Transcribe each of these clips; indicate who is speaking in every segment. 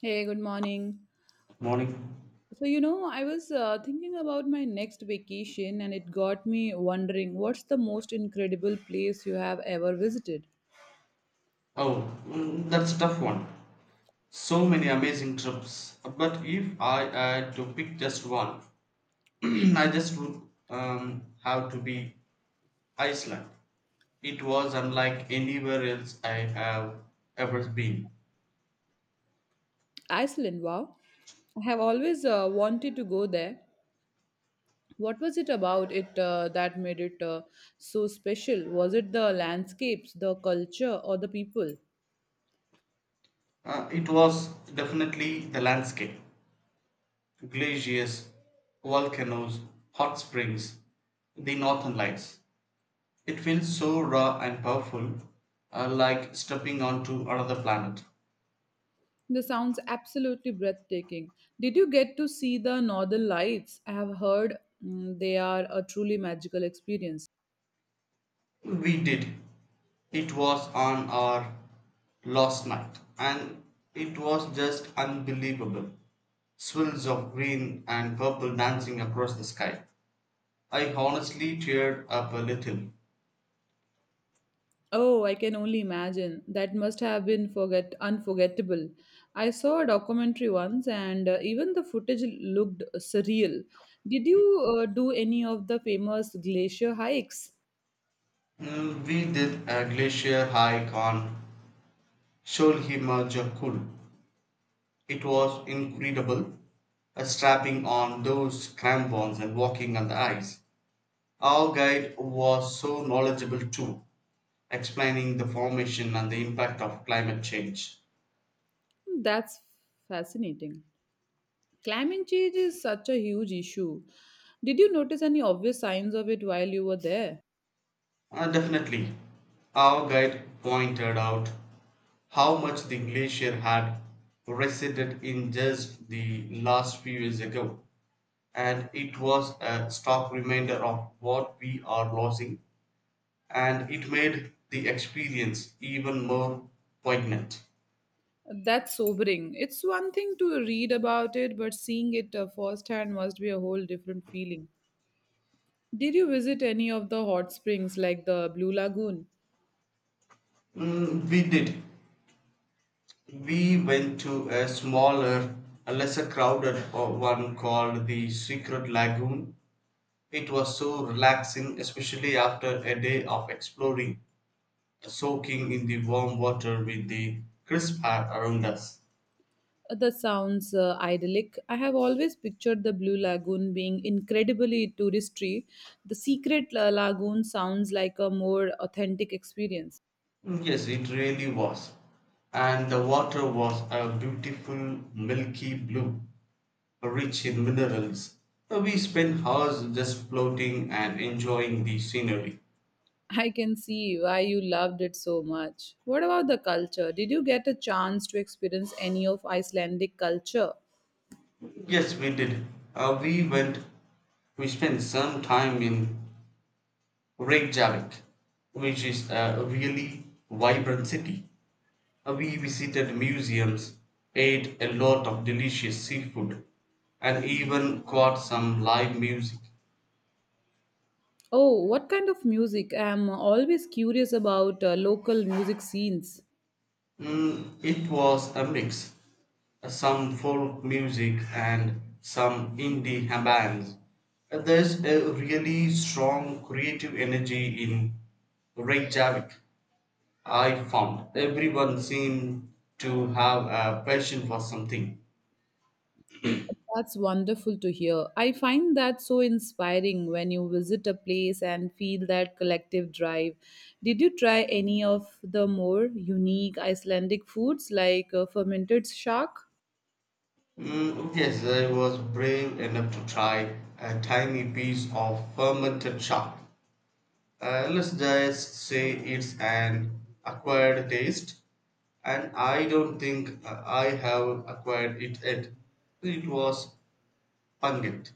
Speaker 1: Hey, good morning.
Speaker 2: Morning.
Speaker 1: I was thinking about my next vacation, and it got me wondering, what's the most incredible place you have ever visited?
Speaker 2: Oh, mm, that's a tough one. So many amazing trips. But if I had to pick just one, I just would have to be Iceland. It was unlike anywhere else I have ever been.
Speaker 1: Iceland, wow. I have always wanted to go there. What was it about it that made it so special? Was it the landscapes, the culture, or the people?
Speaker 2: It was definitely the landscape glaciers, volcanoes, hot springs, the northern lights. It feels so raw and powerful, like stepping onto another planet.
Speaker 1: This sounds absolutely breathtaking. Did you get to see the northern lights? I have heard they are a truly magical experience.
Speaker 2: We did. It was on our last night, and it was just unbelievable. Swirls of green and purple dancing across the sky. I honestly teared up a little.
Speaker 1: Oh, I can only imagine. That must have been forget unforgettable. I saw a documentary once, and even the footage looked surreal. Did you do any of the famous glacier hikes?
Speaker 2: We did a glacier hike on Sholhima Jakul. It was incredible, strapping on those crampons and walking on the ice. Our guide was so knowledgeable too, explaining the formation and the impact of climate change.
Speaker 1: That's fascinating. Climate change is such a huge issue. Did you notice any obvious signs of it while you were there?
Speaker 2: Definitely, our guide pointed out how much the glacier had receded in just the last few years ago, and it was a stark reminder of what we are losing, and it made the experience even more poignant.
Speaker 1: That's sobering. It's one thing to read about it, but seeing it firsthand must be a whole different feeling. Did you visit any of the hot springs like the Blue Lagoon?
Speaker 2: We did. We went to a smaller, a lesser crowded one called the Secret Lagoon. It was so relaxing, especially after a day of exploring, soaking in the warm water with the crisp air around us.
Speaker 1: That sounds idyllic. I have always pictured the Blue Lagoon being incredibly touristy. The lagoon sounds like a more authentic experience.
Speaker 2: Mm, yes, it really was. And the water was a beautiful milky blue, rich in minerals. We spent hours just floating and enjoying the scenery.
Speaker 1: I can see why you loved it so much. What about the culture? Did you get a chance to experience any of Icelandic culture?
Speaker 2: Yes, we did. Uh, we went, we spent some time in Reykjavik, which is a really vibrant city. We visited museums, ate a lot of delicious seafood, and even caught some live music.
Speaker 1: Oh, what kind of music? I'm always curious about local music scenes.
Speaker 2: It was a mix. Some folk music and some indie bands. There's a really strong creative energy in Reykjavik, I found. Everyone seemed to have a passion for something.
Speaker 1: That's wonderful to hear. I find that so inspiring when you visit a place and feel that collective drive. Did you try any of the more unique Icelandic foods like fermented shark?
Speaker 2: Mm, yes, I was brave enough to try a tiny piece of fermented shark. Let's just say it's an acquired taste, and I don't think I have acquired it yet. It was pungent.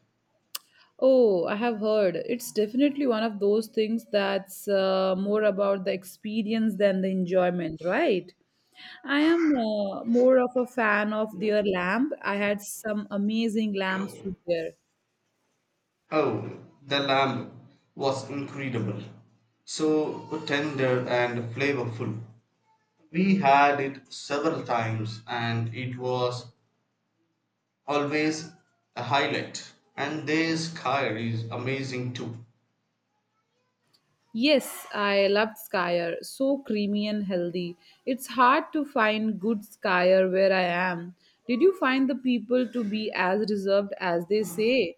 Speaker 1: Oh, I have heard. It's definitely one of those things that's more about the experience than the enjoyment, right? I am more of a fan of their lamb. I had some amazing lamb soup there.
Speaker 2: Oh, the lamb was incredible, so tender and flavorful. We had it several times, and it was always a highlight. And their skyr is amazing too.
Speaker 1: Yes, I loved Skyer. So creamy and healthy. It's hard to find good Skyer where I am. Did you find the people to be as reserved as they say?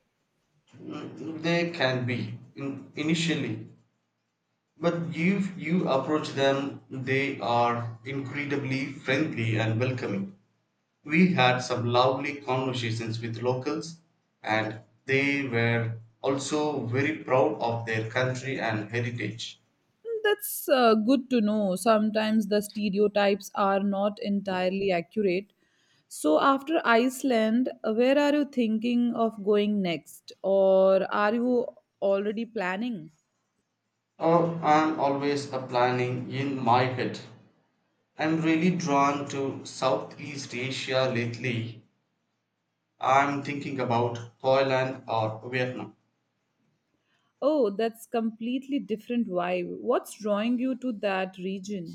Speaker 2: They can be initially. But if you approach them, they are incredibly friendly and welcoming. We had some lovely conversations with locals, and they were also very proud of their country and heritage.
Speaker 1: That's good to know. Sometimes the stereotypes are not entirely accurate. So, after Iceland, where are you thinking of going next? Or are you already planning?
Speaker 2: Oh, I'm always a planning in my head. I'm really drawn to Southeast Asia lately. I'm thinking about Thailand or Vietnam.
Speaker 1: Oh, that's completely different vibe. What's drawing you to that region?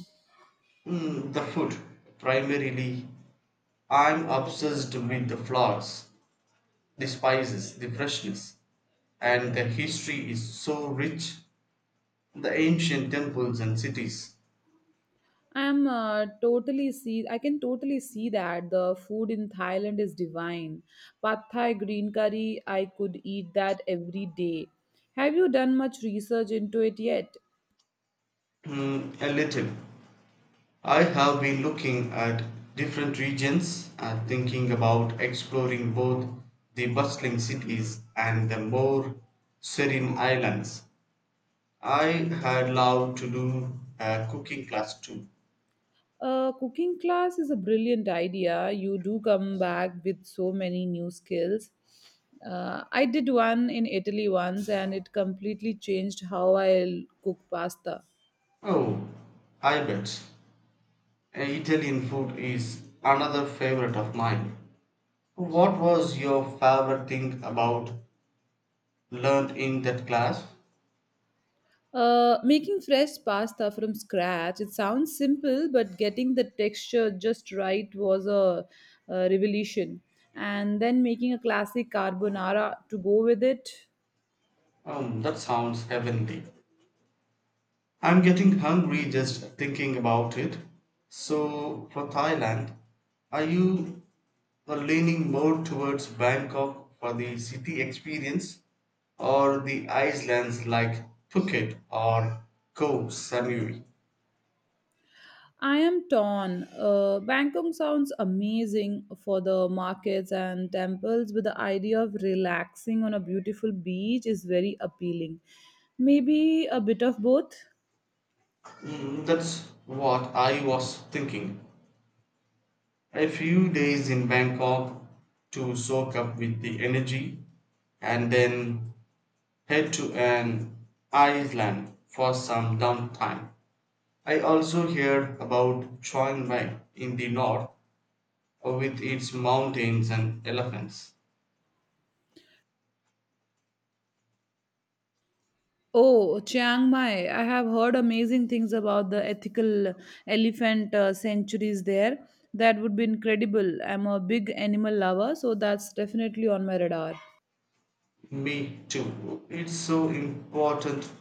Speaker 2: The food, primarily. I'm obsessed with the flowers, the spices, the freshness. And the history is so rich, the ancient temples and cities.
Speaker 1: I can totally see that the food in Thailand is divine. Pad Thai, green curry. I could eat that every day. Have you done much research into it yet?
Speaker 2: Mm, a little. I have been looking at different regions and thinking about exploring both the bustling cities and the more serene islands. I had loved to do a cooking class too.
Speaker 1: A cooking class is a brilliant idea. You do come back with so many new skills. I did one in Italy once, and it completely changed how I cook pasta.
Speaker 2: Oh, I bet. Italian food is another favorite of mine. What was your favorite thing about learned in that class?
Speaker 1: Making fresh pasta from scratch, it sounds simple, but getting the texture just right was a revelation. And then making a classic carbonara to go with it.
Speaker 2: That sounds heavenly. I'm getting hungry just thinking about it. So for Thailand, are you leaning more towards Bangkok for the city experience or the islands like Phuket or Koh Samui?
Speaker 1: I am torn. Bangkok sounds amazing for the markets and temples, but the idea of relaxing on a beautiful beach is very appealing. Maybe a bit of both.
Speaker 2: That's what I was thinking. A few days in Bangkok to soak up with the energy and then head to an island for some downtime. I also hear about Chiang Mai in the north with its mountains and elephants.
Speaker 1: Oh, Chiang Mai. I have heard amazing things about the ethical elephant sanctuaries there. That would be incredible. I'm a big animal lover, so that's definitely on my radar.
Speaker 2: Me too. It's so important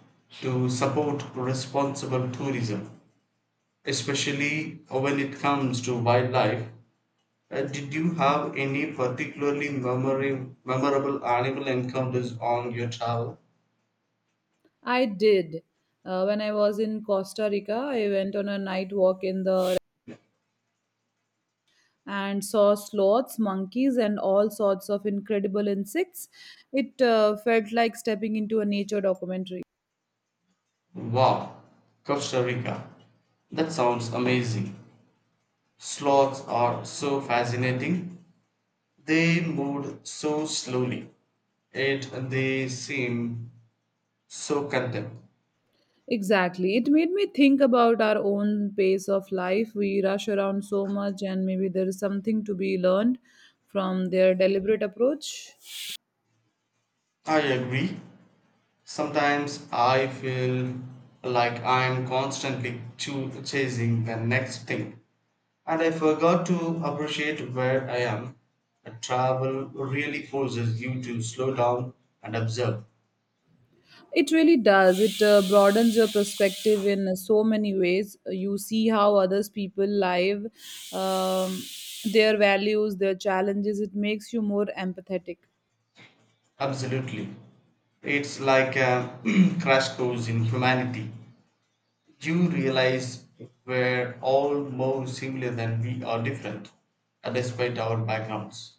Speaker 2: to support responsible tourism, especially when it comes to wildlife. Did you have any particularly memorable animal encounters on your travel?
Speaker 1: I did. When I was in Costa Rica, I went on a night walk in the and saw sloths, monkeys, and all sorts of incredible insects. It felt like stepping into a nature documentary.
Speaker 2: Wow, Costa Rica. That sounds amazing. Sloths are so fascinating. They moved so slowly, and they seem so content.
Speaker 1: Exactly. It made me think about our own pace of life. We rush around so much, and maybe there is something to be learned from their deliberate approach.
Speaker 2: I agree. Sometimes I feel like I'm constantly chasing the next thing. And I forgot to appreciate where I am. Travel really forces you to slow down and observe.
Speaker 1: It really does. It broadens your perspective in so many ways. You see how others people live, um, their values, their challenges. It makes you more empathetic.
Speaker 2: Absolutely. It's like a crash course in humanity. You realize we're all more similar than we are different, despite our backgrounds.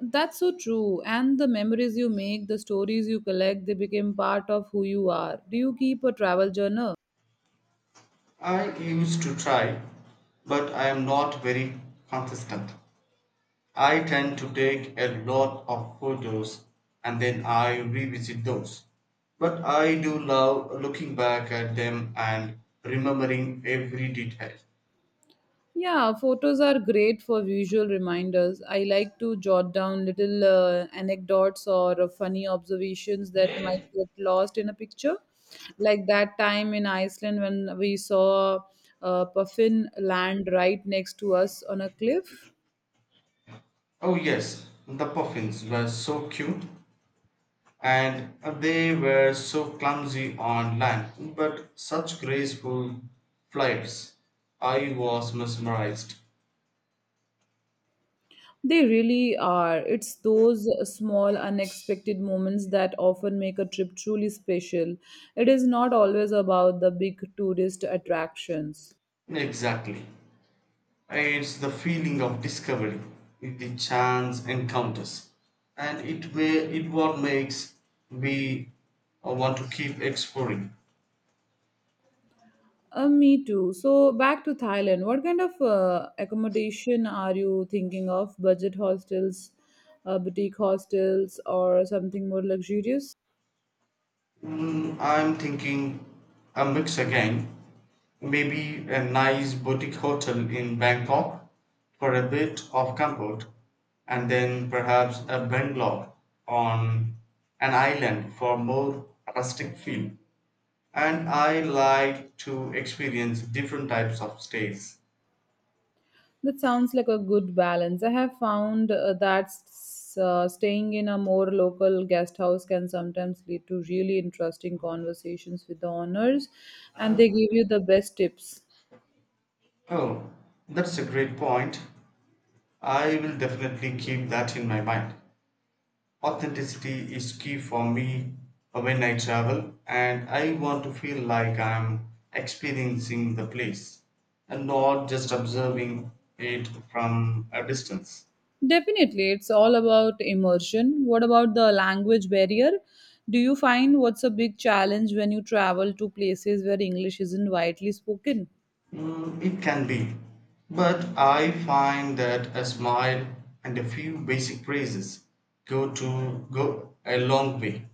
Speaker 1: That's so true. And the memories you make, the stories you collect, they become part of who you are. Do you keep a travel journal?
Speaker 2: I used to try, but I am not very consistent. I tend to take a lot of photos and then I revisit those. But I do love looking back at them and remembering every detail.
Speaker 1: Yeah, photos are great for visual reminders. I like to jot down little anecdotes or funny observations that might get lost in a picture. Like that time in Iceland when we saw a puffin land right next to us on a cliff.
Speaker 2: Oh, yes, the puffins were so cute, and they were so clumsy on land, but such graceful flights. I was mesmerized.
Speaker 1: They really are. It's those small, unexpected moments that often make a trip truly special. It is not always about the big tourist attractions.
Speaker 2: Exactly. It's the feeling of discovery, the chance encounters, and it may it what makes we want to keep exploring.
Speaker 1: Me too. So back to Thailand. What kind of accommodation are you thinking of? Budget hostels, boutique hostels, or something more luxurious?
Speaker 2: I'm thinking a mix again, maybe a nice boutique hotel in Bangkok for a bit of comfort, and then perhaps a bungalow on an island for more rustic feel, and I like to experience different types of stays.
Speaker 1: That sounds like a good balance. I have found staying in a more local guest house can sometimes lead to really interesting conversations with the owners, and they give you the best tips.
Speaker 2: Oh, that's a great point. I will definitely keep that in my mind. Authenticity is key for me when I travel, and I want to feel like I'm experiencing the place and not just observing it from a distance.
Speaker 1: Definitely, it's all about immersion. What about the language barrier? Do you find what's a big challenge when you travel to places where English isn't widely spoken?
Speaker 2: Mm, it can be. But I find that a smile and a few basic praises go to go a long way.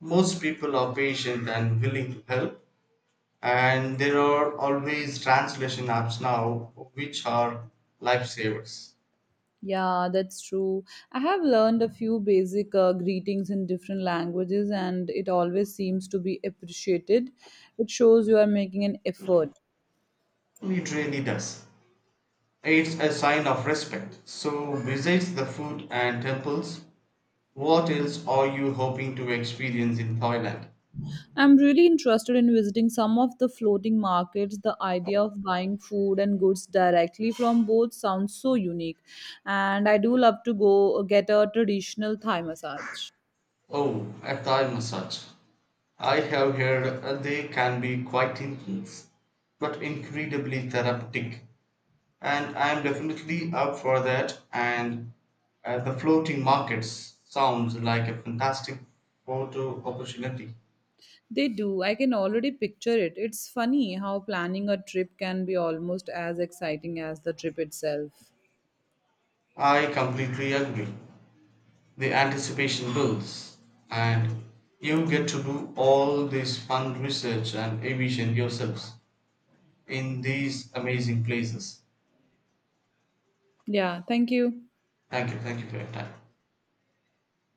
Speaker 2: Most people are patient and willing to help, and there are always translation apps now which are lifesavers.
Speaker 1: Yeah, that's true. I have learned a few basic greetings in different languages, and it always seems to be appreciated. It shows you are making an effort.
Speaker 2: It really does. It's a sign of respect. So, besides the food and temples, what else are you hoping to experience in Thailand?
Speaker 1: I'm really interested in visiting some of the floating markets. The idea of buying food and goods directly from boats sounds so unique. And I do love to go get a traditional Thai massage.
Speaker 2: Oh, a Thai massage. I have heard they can be quite intense, but incredibly therapeutic. And I am definitely up for that. And the floating markets sounds like a fantastic photo opportunity.
Speaker 1: They do. I can already picture it. It's funny how planning a trip can be almost as exciting as the trip itself.
Speaker 2: I completely agree. The anticipation builds, and you get to do all this fun research and envision yourselves in these amazing places.
Speaker 1: Yeah, thank you.
Speaker 2: Thank you for your time.